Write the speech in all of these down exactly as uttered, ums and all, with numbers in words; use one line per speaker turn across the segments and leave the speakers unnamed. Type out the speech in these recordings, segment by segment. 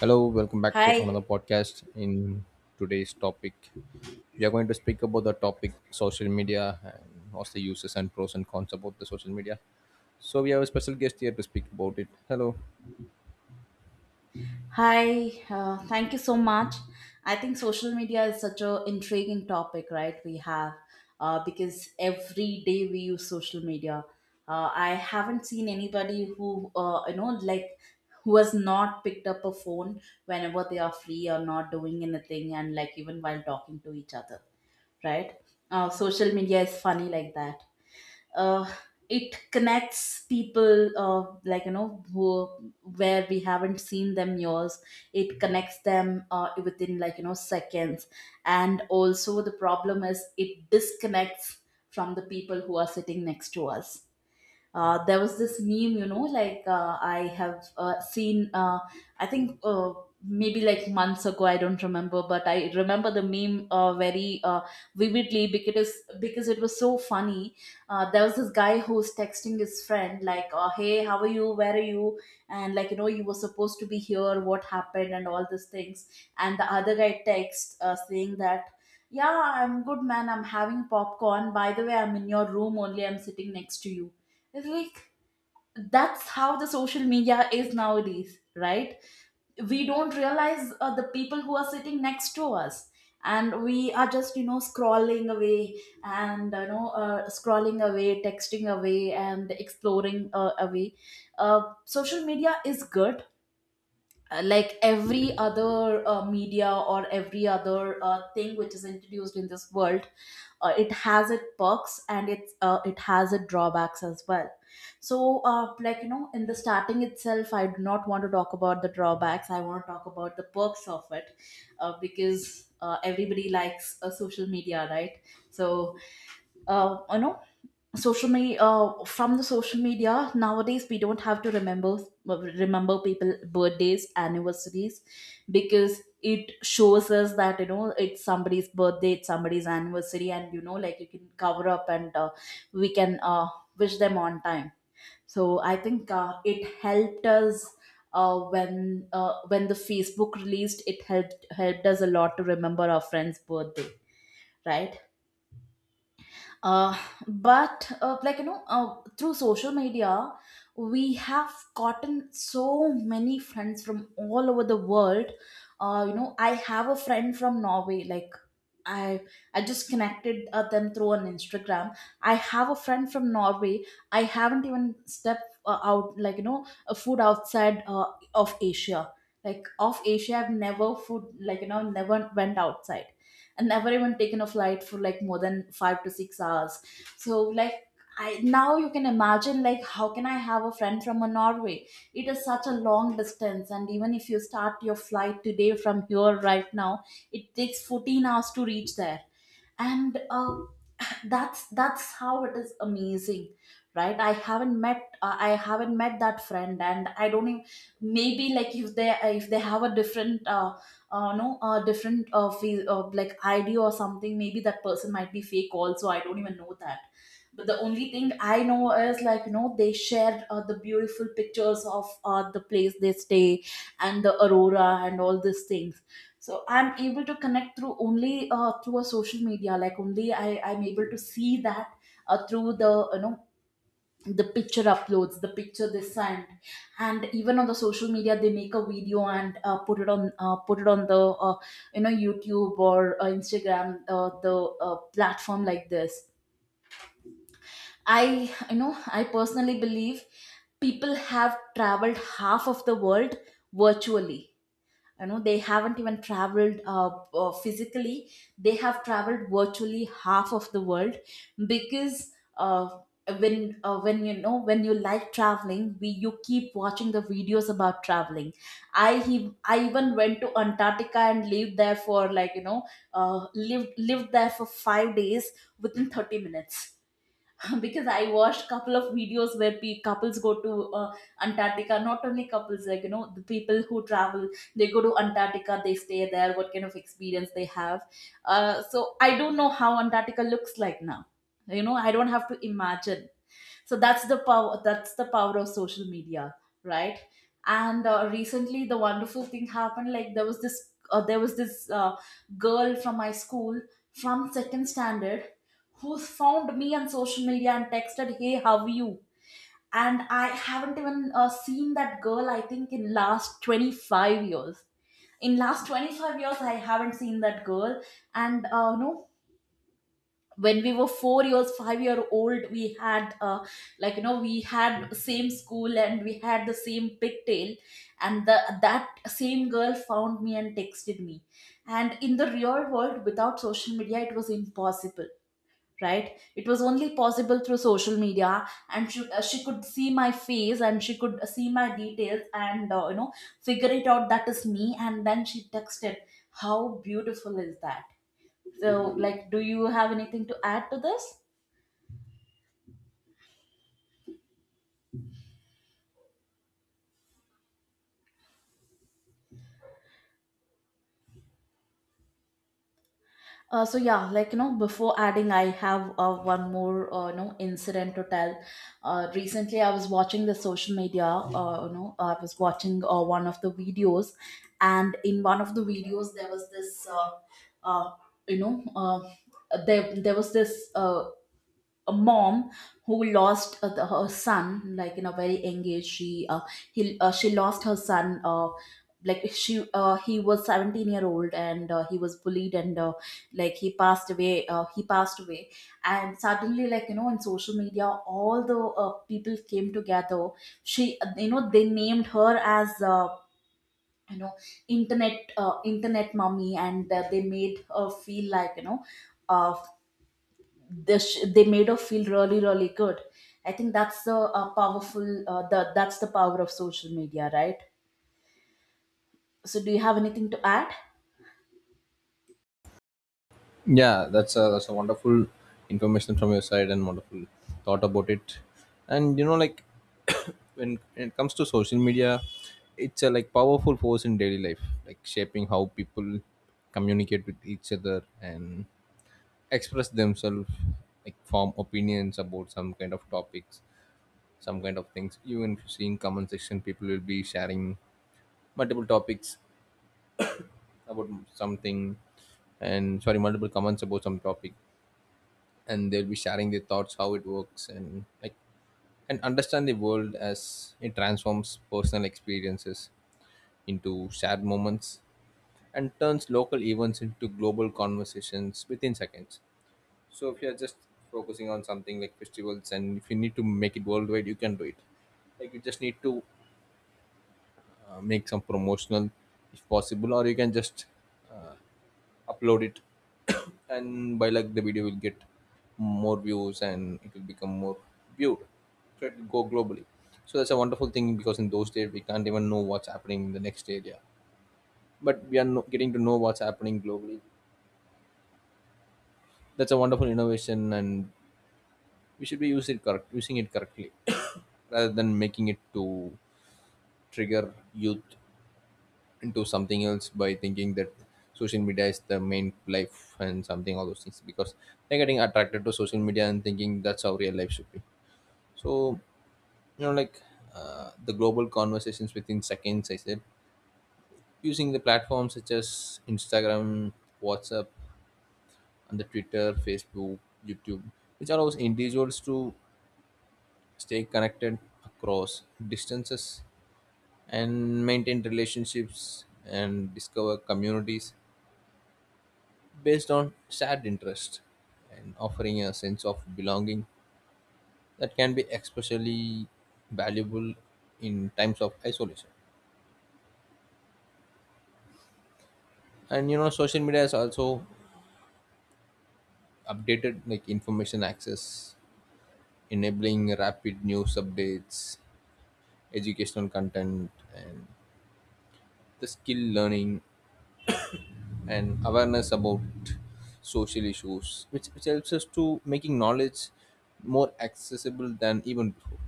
Hello, welcome back to
Hi,
another podcast. In today's topic, we are going to speak about the topic social media and what's the uses and pros and cons about the social media. So we have a special guest here to speak about it. Hello.
hi. Uh, thank you so much. I think social media is such a intriguing topic, right? We have uh, Because every day we use social media. Uh, I haven't seen anybody who uh, you know like who has not picked up a phone whenever they are free or not doing anything, and like even while talking to each other, right? Uh, social media is funny like that. uh, it connects people uh, like you know who where we haven't seen them years, it connects them uh, within like you know seconds, and also the problem is it disconnects from the people who are sitting next to us. Uh, there was this meme you know like uh, I have uh, seen uh, I think uh, maybe like months ago, I don't remember, but I remember the meme uh, very uh, vividly because because it was so funny. Uh, there was this guy who was texting his friend like uh, hey, how are you, where are you, and like you know you were supposed to be here, what happened, and all these things. And the other guy texts uh, saying that yeah, I'm good man, I'm having popcorn, by the way I'm in your room only, I'm sitting next to you. It's like that's how the social media is nowadays, right? We don't realize uh, the people who are sitting next to us, and we are just you know scrolling away, and you know uh, scrolling away, texting away, and exploring uh, away. Uh, social media is good, uh, like every other uh, media or every other uh, thing which is introduced in this world. Uh, it has its perks and it's uh, it has its drawbacks as well. So uh, like you know in the starting itself, I do not want to talk about the drawbacks, I want to talk about the perks of it, uh, because uh, everybody likes uh, social media, right? So uh, you know social media uh, from the social media nowadays we don't have to remember, uh, remember people birthdays, anniversaries, because it shows us that you know it's somebody's birthday, it's somebody's anniversary, and you know like you can cover up, and uh, we can uh, wish them on time. So I think uh, it helped us uh, when uh, when the Facebook released, it helped helped us a lot to remember our friends birthday, right? uh, but uh, like you know uh, through social media we have gotten so many friends from all over the world. uh, you know I have a friend from Norway, like i i just connected uh, them through an Instagram. I have a friend from Norway. I haven't even stepped uh, out like you know a food outside uh, of Asia. Like of Asia, I've never food like you know never went outside, and never even taken a flight for like more than five to six hours. So like I now you can imagine, like how can I have a friend from a Norway? It is such a long distance, and even if you start your flight today from here right now, it takes fourteen hours to reach there. And uh, that's that's how it is amazing, right? i haven't met uh, I haven't met that friend, and I don't even, maybe like if they if they have a different uh, uh no uh different uh, feel, uh like idea or something, maybe that person might be fake also, I don't even know that. But the only thing I know is like you know they shared uh, the beautiful pictures of uh, the place they stay, and the aurora and all these things. So I'm able to connect through only uh, through a social media, like only i i'm able to see that uh, through the you know the picture uploads, the picture they send. And even on the social media they make a video and uh, put it on uh, put it on the uh, you know YouTube or uh, Instagram, uh, the uh, platform like this. I you know I personally believe people have traveled half of the world virtually. You know they haven't even traveled uh, uh, physically, they have traveled virtually half of the world. Because uh, when uh, when you know when you like traveling, we you keep watching the videos about traveling. i he- I even went to Antarctica and lived there for like you know uh, lived lived there for five days within thirty minutes because I watched couple of videos where pe- couples go to uh, Antarctica. Not only couples, like you know, the people who travel, they go to Antarctica, they stay there. What kind of experience they have? Uh, so I don't know how Antarctica looks like now. You know, I don't have to imagine. So that's the power, that's the power of social media, right? And uh, recently the wonderful thing happened, like there was this uh, there was this uh, girl from my school, from second standard, who found me on social media and texted, hey how are you? And I haven't even uh, seen that girl, I think in last twenty-five years. In last twenty-five years I haven't seen that girl. And uh, no when we were four years five year old, we had uh, like you know we had same school, and we had the same pigtail. And the, that same girl found me and texted me. And in the real world without social media, it was impossible, right? It was only possible through social media. And she, uh, she could see my face, and she could see my details, and uh, you know figure it out that is me, and then she texted. How beautiful is that? So, like, do you have anything to add to this? Uh, so yeah, like you know, before adding, I have uh, one more uh, you know incident to tell. Uh, recently, I was watching the social media. Uh, you know, I was watching uh, one of the videos, and in one of the videos, there was this, uh, uh, you know, uh, there there was this uh, a mom who lost uh, the, her son, like in a very young age. She uh, he uh, she lost her son, uh, like she uh, he was seventeen year old, and uh, he was bullied, and uh, like he passed away, uh, he passed away. And suddenly like you know in social media, all the uh, people came together. She you know They named her as uh, you know internet, uh, internet mummy, and uh, they made her feel like you know uh, they, sh- they made her feel really really good. I think that's the uh, powerful uh, the, that's the power of social media, right? So do you have anything to add?
Yeah, that's a that's a wonderful information from your side and wonderful thought about it. And you know, like when, when it comes to social media, it's a like powerful force in daily life, like shaping how people communicate with each other and express themselves, like form opinions about some kind of topics, some kind of things. Even if you see in comment section, people will be sharing multiple topics about something, and sorry, multiple comments about some topic, and they'll be sharing their thoughts how it works, and like and understand the world as it transforms personal experiences into shared moments and turns local events into global conversations within seconds. So if you're just focusing on something like festivals, and if you need to make it worldwide, you can do it. Like you just need to uh, make some promotional, if possible, or you can just uh, upload it, and by like the video will get more views and it will become more viewed. So it will go globally. So that's a wonderful thing, because in those days we can't even know what's happening in the next area, but we are no- getting to know what's happening globally. That's a wonderful innovation, and we should be use it correct, using it correctly rather than making it to trigger youth into something else by thinking that social media is the main life and something all those things, because they're getting attracted to social media and thinking that's how real life should be. So you know, like uh, the global conversations within seconds, I said, using the platforms such as Instagram, WhatsApp, and the Twitter, Facebook, YouTube, which allows individuals to stay connected across distances and maintain relationships and discover communities based on shared interest and offering a sense of belonging that can be especially valuable in times of isolation. And you know, social media has also updated like information access, enabling rapid news updates, educational content, and the skill learning, and awareness about social issues, which, which helps us to making knowledge more accessible than even before.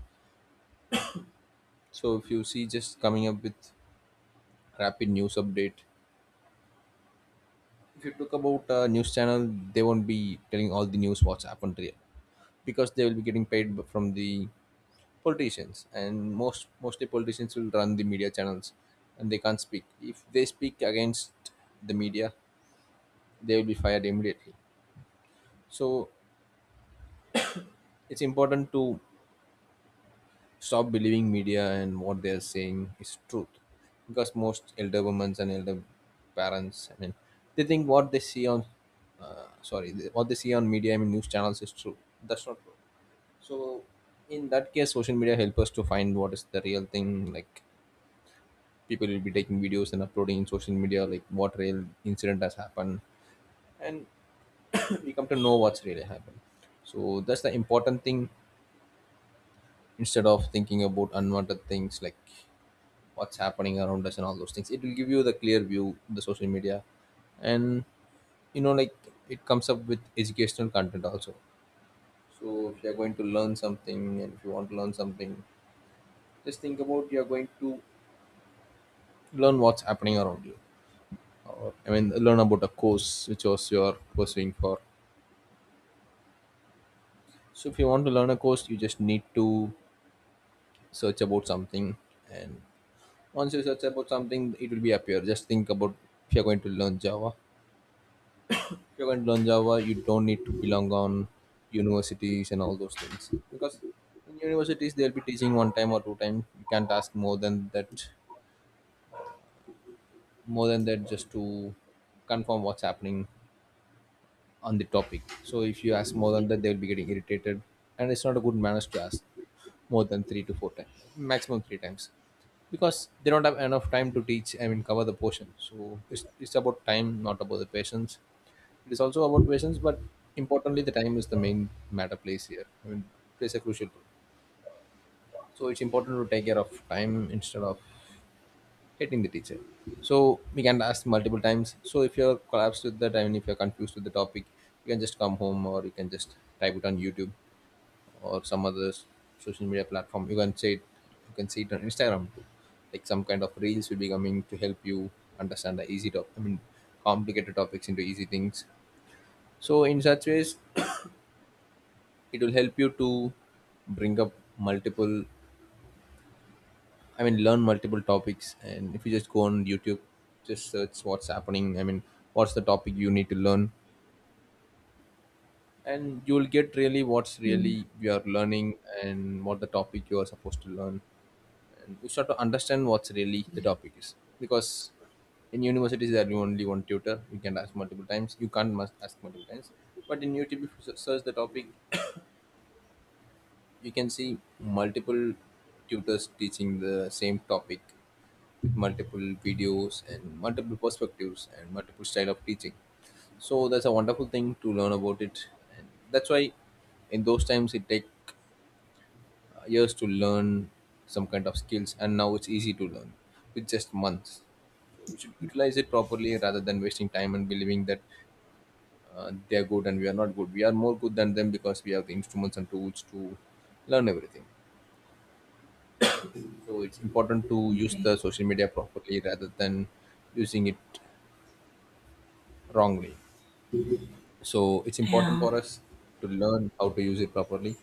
So if you see, just coming up with rapid news update, if you talk about a news channel, they won't be telling all the news what's happened here, because they will be getting paid b- from the politicians, and most mostly politicians will run the media channels and they can't speak. If they speak against the media, they will be fired immediately. So it's important to stop believing media and what they're saying is truth, because most elder women and elder parents, I mean, they think what they see on uh, sorry, they- what they see on media, I mean news channels, is true. That's not true. So in that case, social media help us to find what is the real thing, like people will be taking videos and uploading in social media like what real incident has happened, and we come to know what's really happened. So that's the important thing. Instead of thinking about unwanted things like what's happening around us and all those things, it will give you the clear view, the social media. And you know, like it comes up with educational content also. So if you're going to learn something, and if you want to learn something, just think about you're going to learn what's happening around you, or I mean learn about a course which was you're pursuing for. So if you want to learn a course, you just need to search about something, and once you search about something, it will be appear. Just think about if you're going to learn Java. If you're going to learn Java, you don't need to belong on universities and all those things. Because in universities they'll be teaching one time or two times. You can't ask more than that, more than that just to confirm what's happening on the topic. So if you ask more than that, they'll be getting irritated, and it's not a good manners to ask more than three to four times. Maximum three times. Because they don't have enough time to teach, I mean cover the portion. So it's, it's about time, not about the patience. It is also about patience, but importantly, the time is the main matter plays here. I mean, plays a crucial role. So it's important to take care of time instead of hating the teacher. So we can ask multiple times. So if you're collapsed with that, I mean, if you're confused with the topic, you can just come home or you can just type it on YouTube or some other s- social media platform. You can say it, you can see it on Instagram too. Like some kind of reels will be coming to help you understand the easy topic. I mean, complicated topics into easy things. So in such ways, it will help you to bring up multiple, I mean learn multiple topics. And if you just go on YouTube, just search what's happening, I mean what's the topic you need to learn, and you will get really what's
Yeah.
really you are learning and what the topic you are supposed to learn, and you start to understand what's really the topic is. Because in universities there you only one tutor, you can ask multiple times, you can't must ask multiple times. But in YouTube, if you se- search the topic, you can see multiple tutors teaching the same topic with multiple videos and multiple perspectives and multiple style of teaching. So that's a wonderful thing to learn about it. And that's why in those times it take uh, years to learn some kind of skills, and now it's easy to learn with just months. So we should utilize it properly rather than wasting time and believing that uh, they are good and we are not good. We are more good than them because we have the instruments and tools to learn everything. So it's important to use the social media properly rather than using it wrongly. So it's important for us to learn how to use it properly.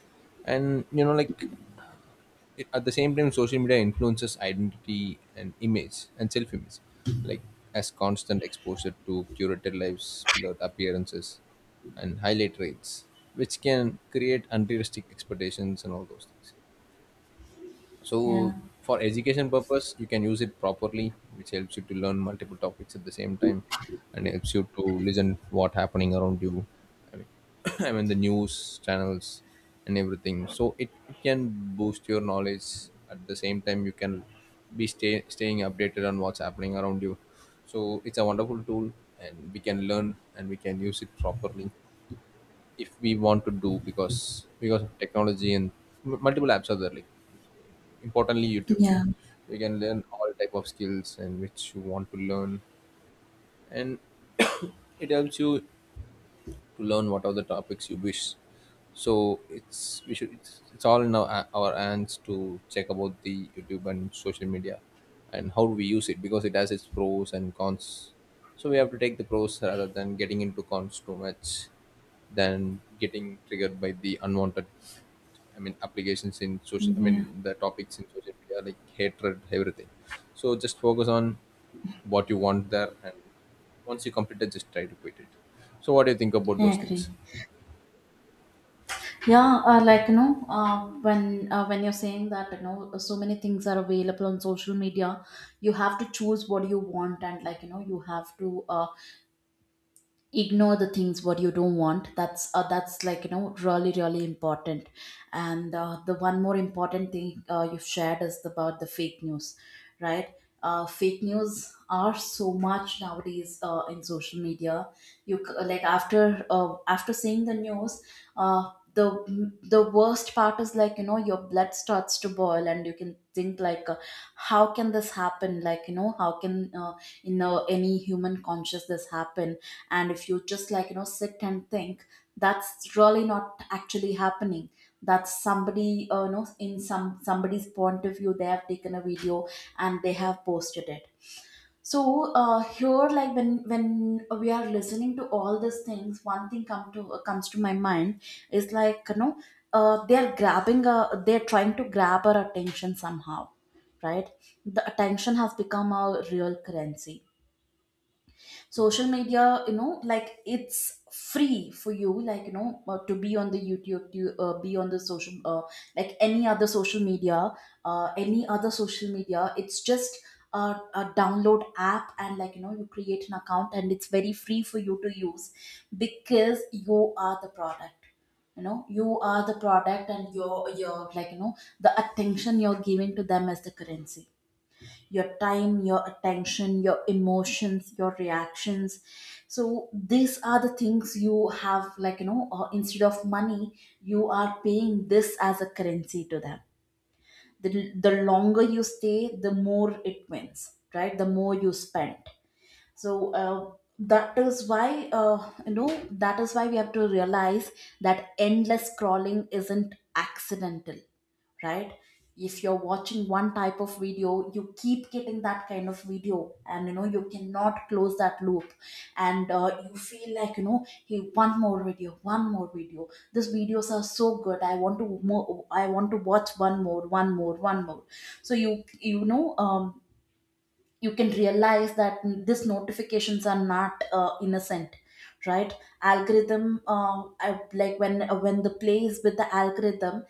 And you know, like it, at the same time, social media influences identity and image and self image. Like as constant exposure to curated lives, below appearances, and highlight rates, which can create unrealistic expectations and all those things.
Yeah.
So for education purpose you can use it properly, which helps you to learn multiple topics at the same time and helps you to listen what happening around you, I mean, I mean the news channels and everything. So it, it can boost your knowledge. At the same time, you can be stay, staying updated on what's happening around you. So it's a wonderful tool, and we can learn and we can use it properly if we want to do. because because of technology and m- multiple apps are there, like importantly YouTube,
Yeah.
you can learn all type of skills and which you want to learn, and it helps you to learn what are the topics you wish. So it's we should, it's, it's all in our, our hands to check about the YouTube and social media and how do we use it, because it has its pros and cons. So we have to take the pros rather than getting into cons too much, than getting triggered by the unwanted, I mean, applications in social, I
Yeah.
mean, the topics in social media, like hatred, everything. So just focus on what you want there. And once you complete it, just try to quit it. So what do you think about
I
those things?
agree. Yeah, uh, like you know, uh, when uh, when you're saying that you know so many things are available on social media, you have to choose what you want, and like you know you have to uh, ignore the things what you don't want. That's uh, that's like you know really really important. And uh, the one more important thing uh, you've shared is about the fake news, right? Uh, fake news are so much nowadays uh, in social media. You c- like after uh, after seeing the news, uh, the the worst part is like you know your blood starts to boil and you can think like, uh, how can this happen? Like you know how can uh, in uh, any human conscious this happen? And if you just like you know sit and think, that's really not actually happening. That's somebody uh, you know in some somebody's point of view, they have taken a video and they have posted it. So uh, here, like when when we are listening to all these things, one thing come to uh, comes to my mind is like you know uh, they're grabbing a, they're trying to grab our attention somehow, right? The attention has become a real currency. Social media, you know like it's free for you, like you know uh, to be on the YouTube, to uh, be on the social, uh, like any other social media, uh, any other social media. It's just a, a download app, and like you know you create an account, and it's very free for you to use, because you are the product. You know you are the product, and your your like you know the attention you're giving to them as the currency. Your time, your attention, your emotions, your reactions. So these are the things you have, like, you know, uh, instead of money, you are paying this as a currency to them. The, the longer you stay, the more it wins, right? The more you spend. So, uh, that is why uh, you know that is why we have to realize that endless scrolling isn't accidental, right? If you're watching one type of video, you keep getting that kind of video, and you know you cannot close that loop. And uh, you feel like, you know hey, one more video, one more video. These videos are so good, i want to more I want to watch one more, one more, one more. So you you know um, you can realize that these notifications are not uh, innocent, right? Algorithm uh, I- like when uh, when the play is with the algorithm,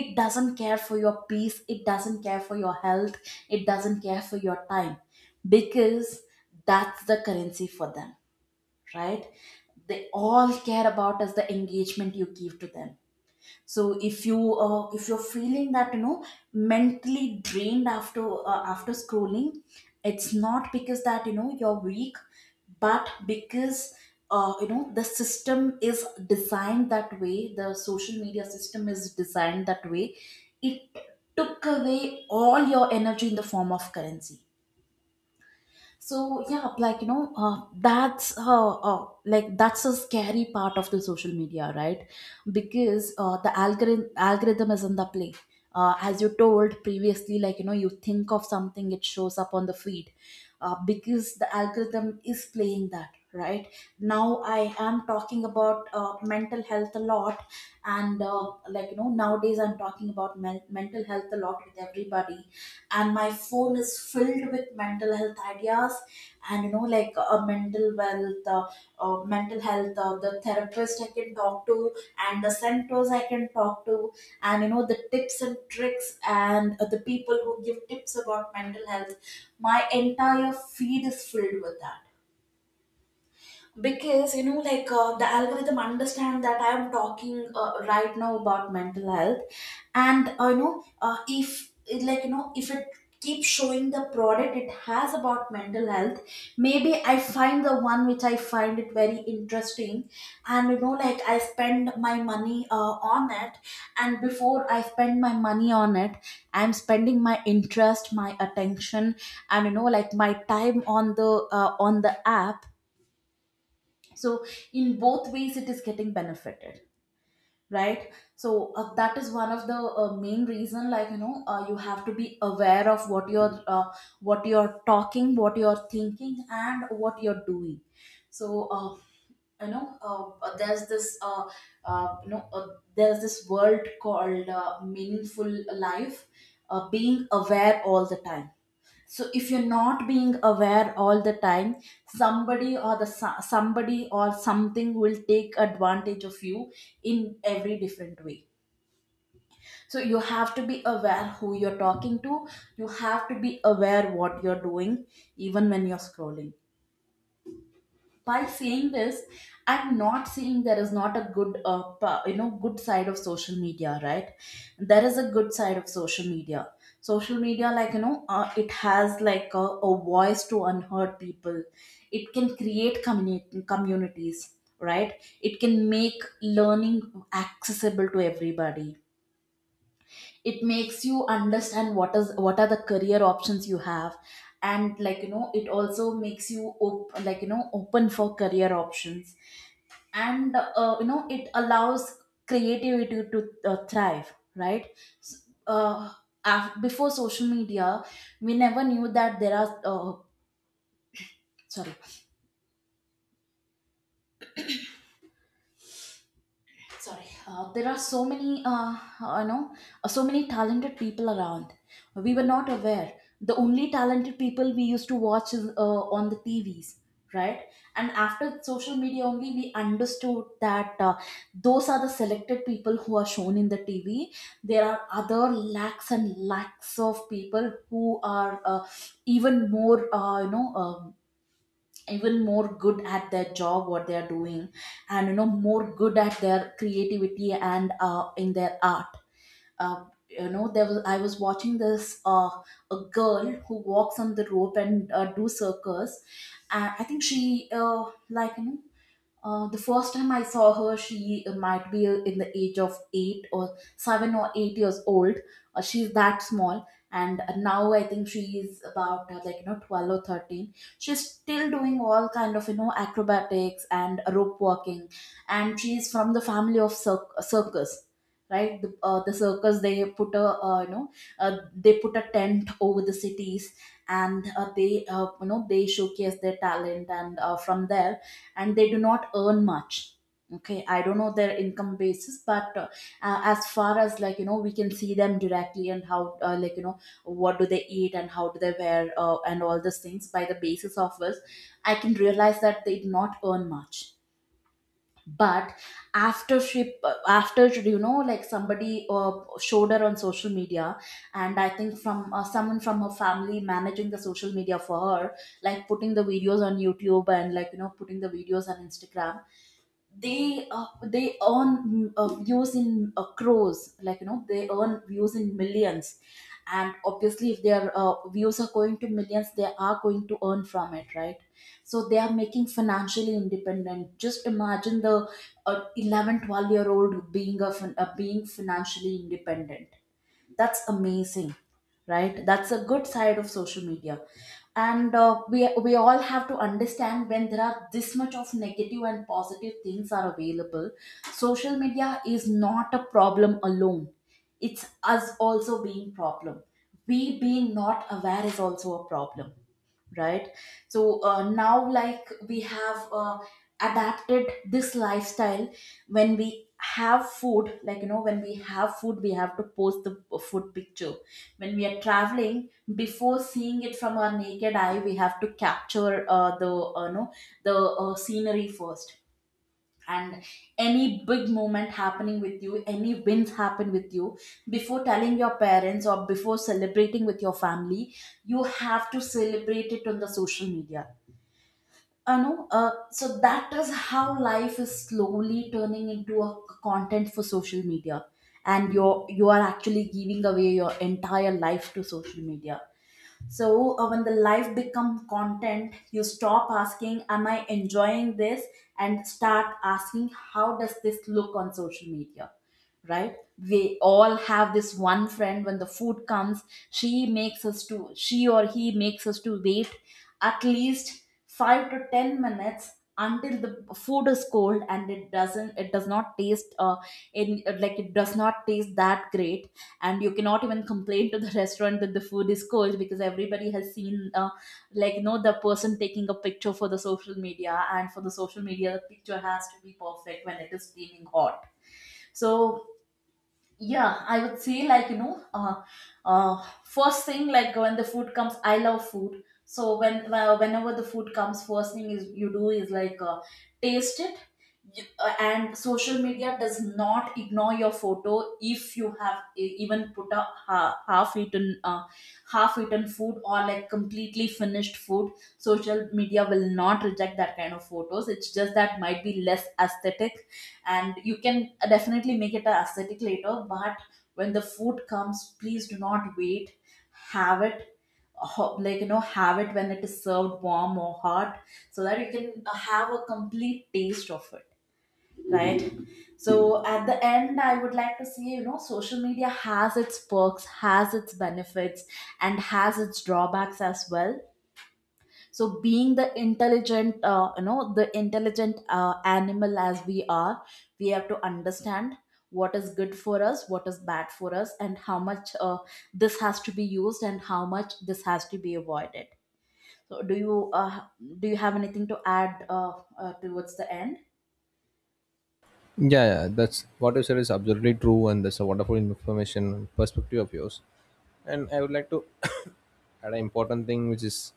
it doesn't care for your peace, it doesn't care for your health, it doesn't care for your time, because that's the currency for them, right? They all care about is the engagement you give to them. So if you uh, if you're feeling that, you know mentally drained after uh, after scrolling, it's not because that you know you're weak, but because uh, you know the system is designed that way, the social media system is designed that way. It took away all your energy in the form of currency. So, yeah, like you know uh, that's uh, uh, like that's a scary part of the social media, right? Because uh, the algorithm algorithm is in the play. Uh, as you told previously, like you know you think of something, it shows up on the feed, uh, because the algorithm is playing that, right? Now I am talking about uh, mental health a lot, and uh, like you know nowadays I'm talking about men- mental health a lot with everybody, and my phone is filled with mental health ideas. And you know like a mental wealth uh, uh, mental health, uh, the therapist I can talk to, and the centers I can talk to, and you know the tips and tricks, and uh, the people who give tips about mental health. My entire feed is filled with that, because you know like uh, the algorithm understand that I am talking uh, right now about mental health. And uh, you know uh, if it, like you know if it keeps showing the product it has about mental health, maybe I find the one which I find it very interesting, and you know like I spend my money uh, on it. And before I spend my money on it, I'm spending my interest, my attention, and you know like my time on the uh, on the app. So, in both ways, it is getting benefited, right? So uh, that is one of the uh, main reason, like you know uh, you have to be aware of what you're uh, what you're talking, what you're thinking, and what you're doing. So, uh, you know, uh, uh, there's this, uh, uh, you know, uh, there's this world called uh, meaningful life, uh, being aware all the time. So if you're not being aware all the time, somebody or the so- somebody or something will take advantage of you in every different way. So you have to be aware who you're talking to. You have to be aware what you're doing, even when you're scrolling. By saying this, I'm not saying there is not a good uh, pa- you know good side of social media, right? There is a good side of social media. Social media, like you know uh, it has like a, a voice to unheard people. It can create communi- communities, right? It can make learning accessible to everybody. It makes you understand what is what are the career options you have, and like you know it also makes you op- like you know open for career options, and uh, you know it allows creativity to uh, thrive, right? S- uh, af- Before social media, we never knew that there are uh, sorry, sorry, uh, there are so many uh, you know so many talented people around. We were not aware. The only talented people we used to watch is, uh, on the T Vs, right? And after social media only we understood that uh, those are the selected people who are shown in the T V. There are other lakhs and lakhs of people who are uh, even more uh, you know um, even more good at their job, what they are doing, and you know more good at their creativity, and uh, in their art. uh, you know there was I was watching this uh, a girl who walks on the rope and uh, do circus. And I think she uh, like you know uh, the first time I saw her, she uh, might be in the age of eight or seven or eight years old. Uh, she's that small, and now I think she is about uh, like you know twelve or thirteen. She's still doing all kind of you know acrobatics and rope walking, and she's from the family of cir- circus, right? The, uh, the circus, they put a uh, you know uh, they put a tent over the cities, and uh, they uh, you know they showcase their talent, and uh, from there, and they do not earn much. Okay, I don't know their income basis, but uh, uh, as far as, like you know we can see them directly, and how, uh, like you know what do they eat, and how do they wear, uh, and all these things by the basis of us, I can realize that they do not earn much. But after she uh, after you know like somebody uh, showed her on social media, and I think from uh, someone from her family managing the social media for her, like putting the videos on YouTube, and like you know putting the videos on Instagram. They uh, they earn, mm, uh, views in uh, crores, like you know they earn views in millions. And obviously, if their uh, views are going to millions, they are going to earn from it, right? So they are making financially independent. Just imagine the uh, eleven twelve year old being a fin- uh, being financially independent. That's amazing, right? That's a good side of social media. And uh, we we all have to understand, when there are this much of negative and positive things are available, social media is not a problem alone. It's us also being problem. We being not aware is also a problem, right? So uh, now, like, we have uh, adapted this lifestyle. when we have food like you know when we have food, we have to post the food picture. When we are traveling, before seeing it from our naked eye, we have to capture uh, the uh, no the uh, scenery first. And any big moment happening with you, any wins happen with you, before telling your parents or before celebrating with your family, you have to celebrate it on the social media. I know. Uh, so that is how life is slowly turning into a content for social media, and you're you are actually giving away your entire life to social media. So, uh, when the life become content, you stop asking, am I enjoying this, and start asking, how does this look on social media, right? We all have this one friend, when the food comes, she makes us to she or he makes us to wait at least five to ten minutes, until the food is cold and it doesn't it does not taste uh in like it does not taste that great. And you cannot even complain to the restaurant that the food is cold, because everybody has seen uh, like you know the person taking a picture for the social media, and for the social media the picture has to be perfect when it is steaming hot. So, yeah, I would say, like you know uh, uh first thing, like when the food comes, I love food, so when uh, whenever the food comes, first thing is you do is, like uh, taste it. You- uh, and social media does not ignore your photo. If you have e- even put a ha- half eaten uh, half eaten food, or like completely finished food, social media will not reject that kind of photos, it's just that might be less aesthetic, and you can definitely make it a aesthetic later, but when the food comes, please do not wait. Have it ho- like you know have it when it is served warm or hot, so that you can have a complete taste of it, right? So at the end, I would like to say, you know social media has its perks, has its benefits, and has its drawbacks as well. So being the intelligent uh, you know the intelligent uh, animal as we are, we have to understand what is good for us, what is bad for us, and how much uh, this has to be used, and how much this has to be avoided. So do you uh, do you have anything to add uh, uh, towards the end?
Yeah, yeah, that's what you said is absolutely true, and that's a wonderful information and perspective of yours. And I would like to add an important thing, which is,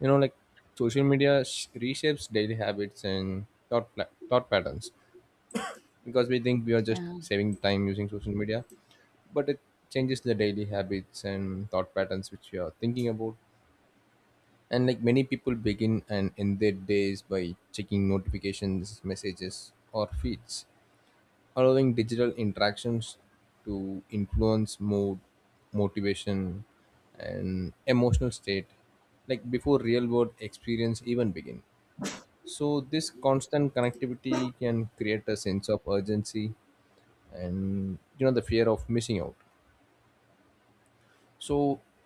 you know, like social media sh- reshapes daily habits and thought pla- thought patterns, because we think we are just
Yeah.
saving time using social media, but it changes the daily habits and thought patterns which you are thinking about. And like many people begin and end their days by checking notifications, messages, or feeds, allowing digital interactions to influence mood, motivation, and emotional state, like before real world experience even begin. So this constant connectivity can create a sense of urgency and you know the fear of missing out. So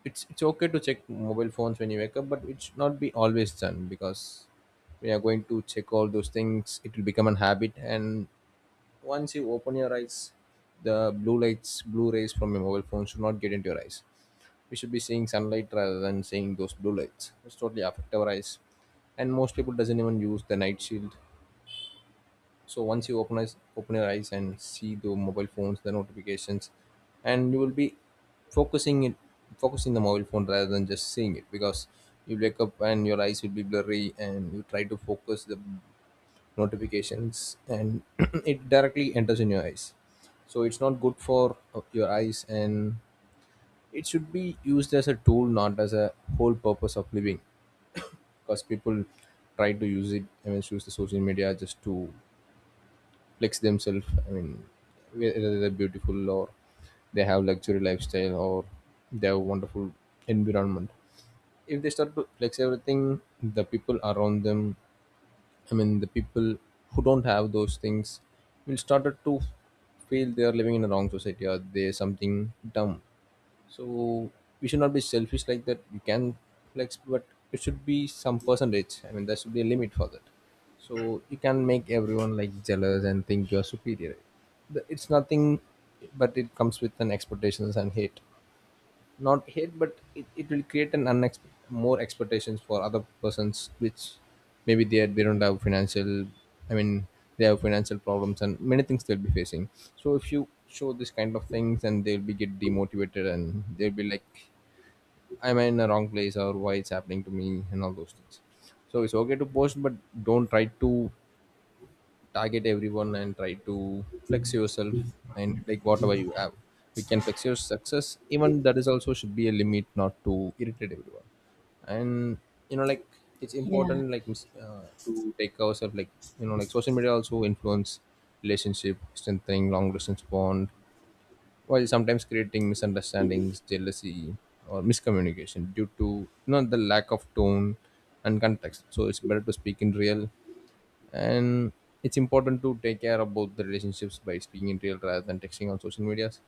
it's it's okay to check mobile phones when you wake up, but it should not be always done, because we are going to check all those things, it will become a habit. And once you open your eyes, the blue lights, blue rays from your mobile phone should not get into your eyes. We should be seeing sunlight rather than seeing those blue lights. It's totally affect our eyes, and most people doesn't even use the night shield. So once you open eyes, open your eyes and see the mobile phones, the notifications, and you will be focusing it, focusing the mobile phone rather than just seeing it. Because you wake up and your eyes will be blurry, and you try to focus the notifications and it directly enters in your eyes. So it's not good for uh, your eyes. And it should be used as a tool, not as a whole purpose of living. Because people try to use it, I mean, use the social media just to flex themselves, I mean whether they're beautiful, or they have luxury lifestyle, or they have wonderful environment. If they start to flex everything, the people around them, I mean the people who don't have those things, will started to feel they are living in a wrong society or they something dumb. So we should not be selfish like that. You can flex, but it should be some percentage, I mean there should be a limit for that. So you can make everyone like jealous and think you're superior. The- it's nothing but it comes with an expectations and hate. Not hate, but it, it will create an unexpect more expectations for other persons, which maybe they, they don't have financial, I mean, they have financial problems and many things they'll be facing. So if you show this kind of things, and they'll be get demotivated and they'll be like, am I in the wrong place, or why it's happening to me and all those things. So it's okay to post, but don't try to target everyone and try to flex yourself. And like whatever you have, you can flex your success, even that is also should be a limit not to irritate everyone. And you know like it's
Yeah.
important like mis- uh, to take ourselves, like you know like social media also influence relationship, strengthening long distance bond, while sometimes creating misunderstandings, jealousy, or miscommunication due to you know the lack of tone and context. So it's better to speak in real. And it's important to take care about the relationships by speaking in real rather than texting on social medias.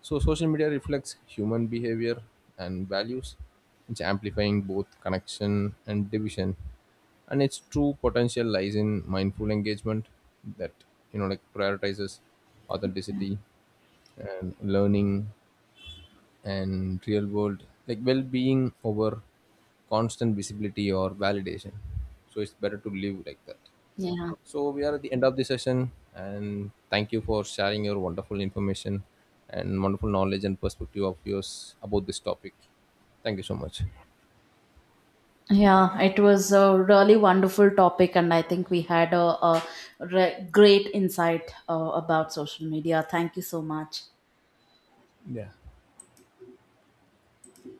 So social media reflects human behavior and values. It's amplifying both connection and division, and its true potential lies in mindful engagement that you know like prioritizes authenticity and learning and real world like well-being over constant visibility or validation. So it's better to live like that.
Yeah.
So we are at the end of the session, and thank you for sharing your wonderful information and wonderful knowledge and perspective of yours about this topic. Thank you so much.
Yeah, it was a really wonderful topic, and I think we had a, a re- great insight uh, about social media. Thank you so much.
Yeah.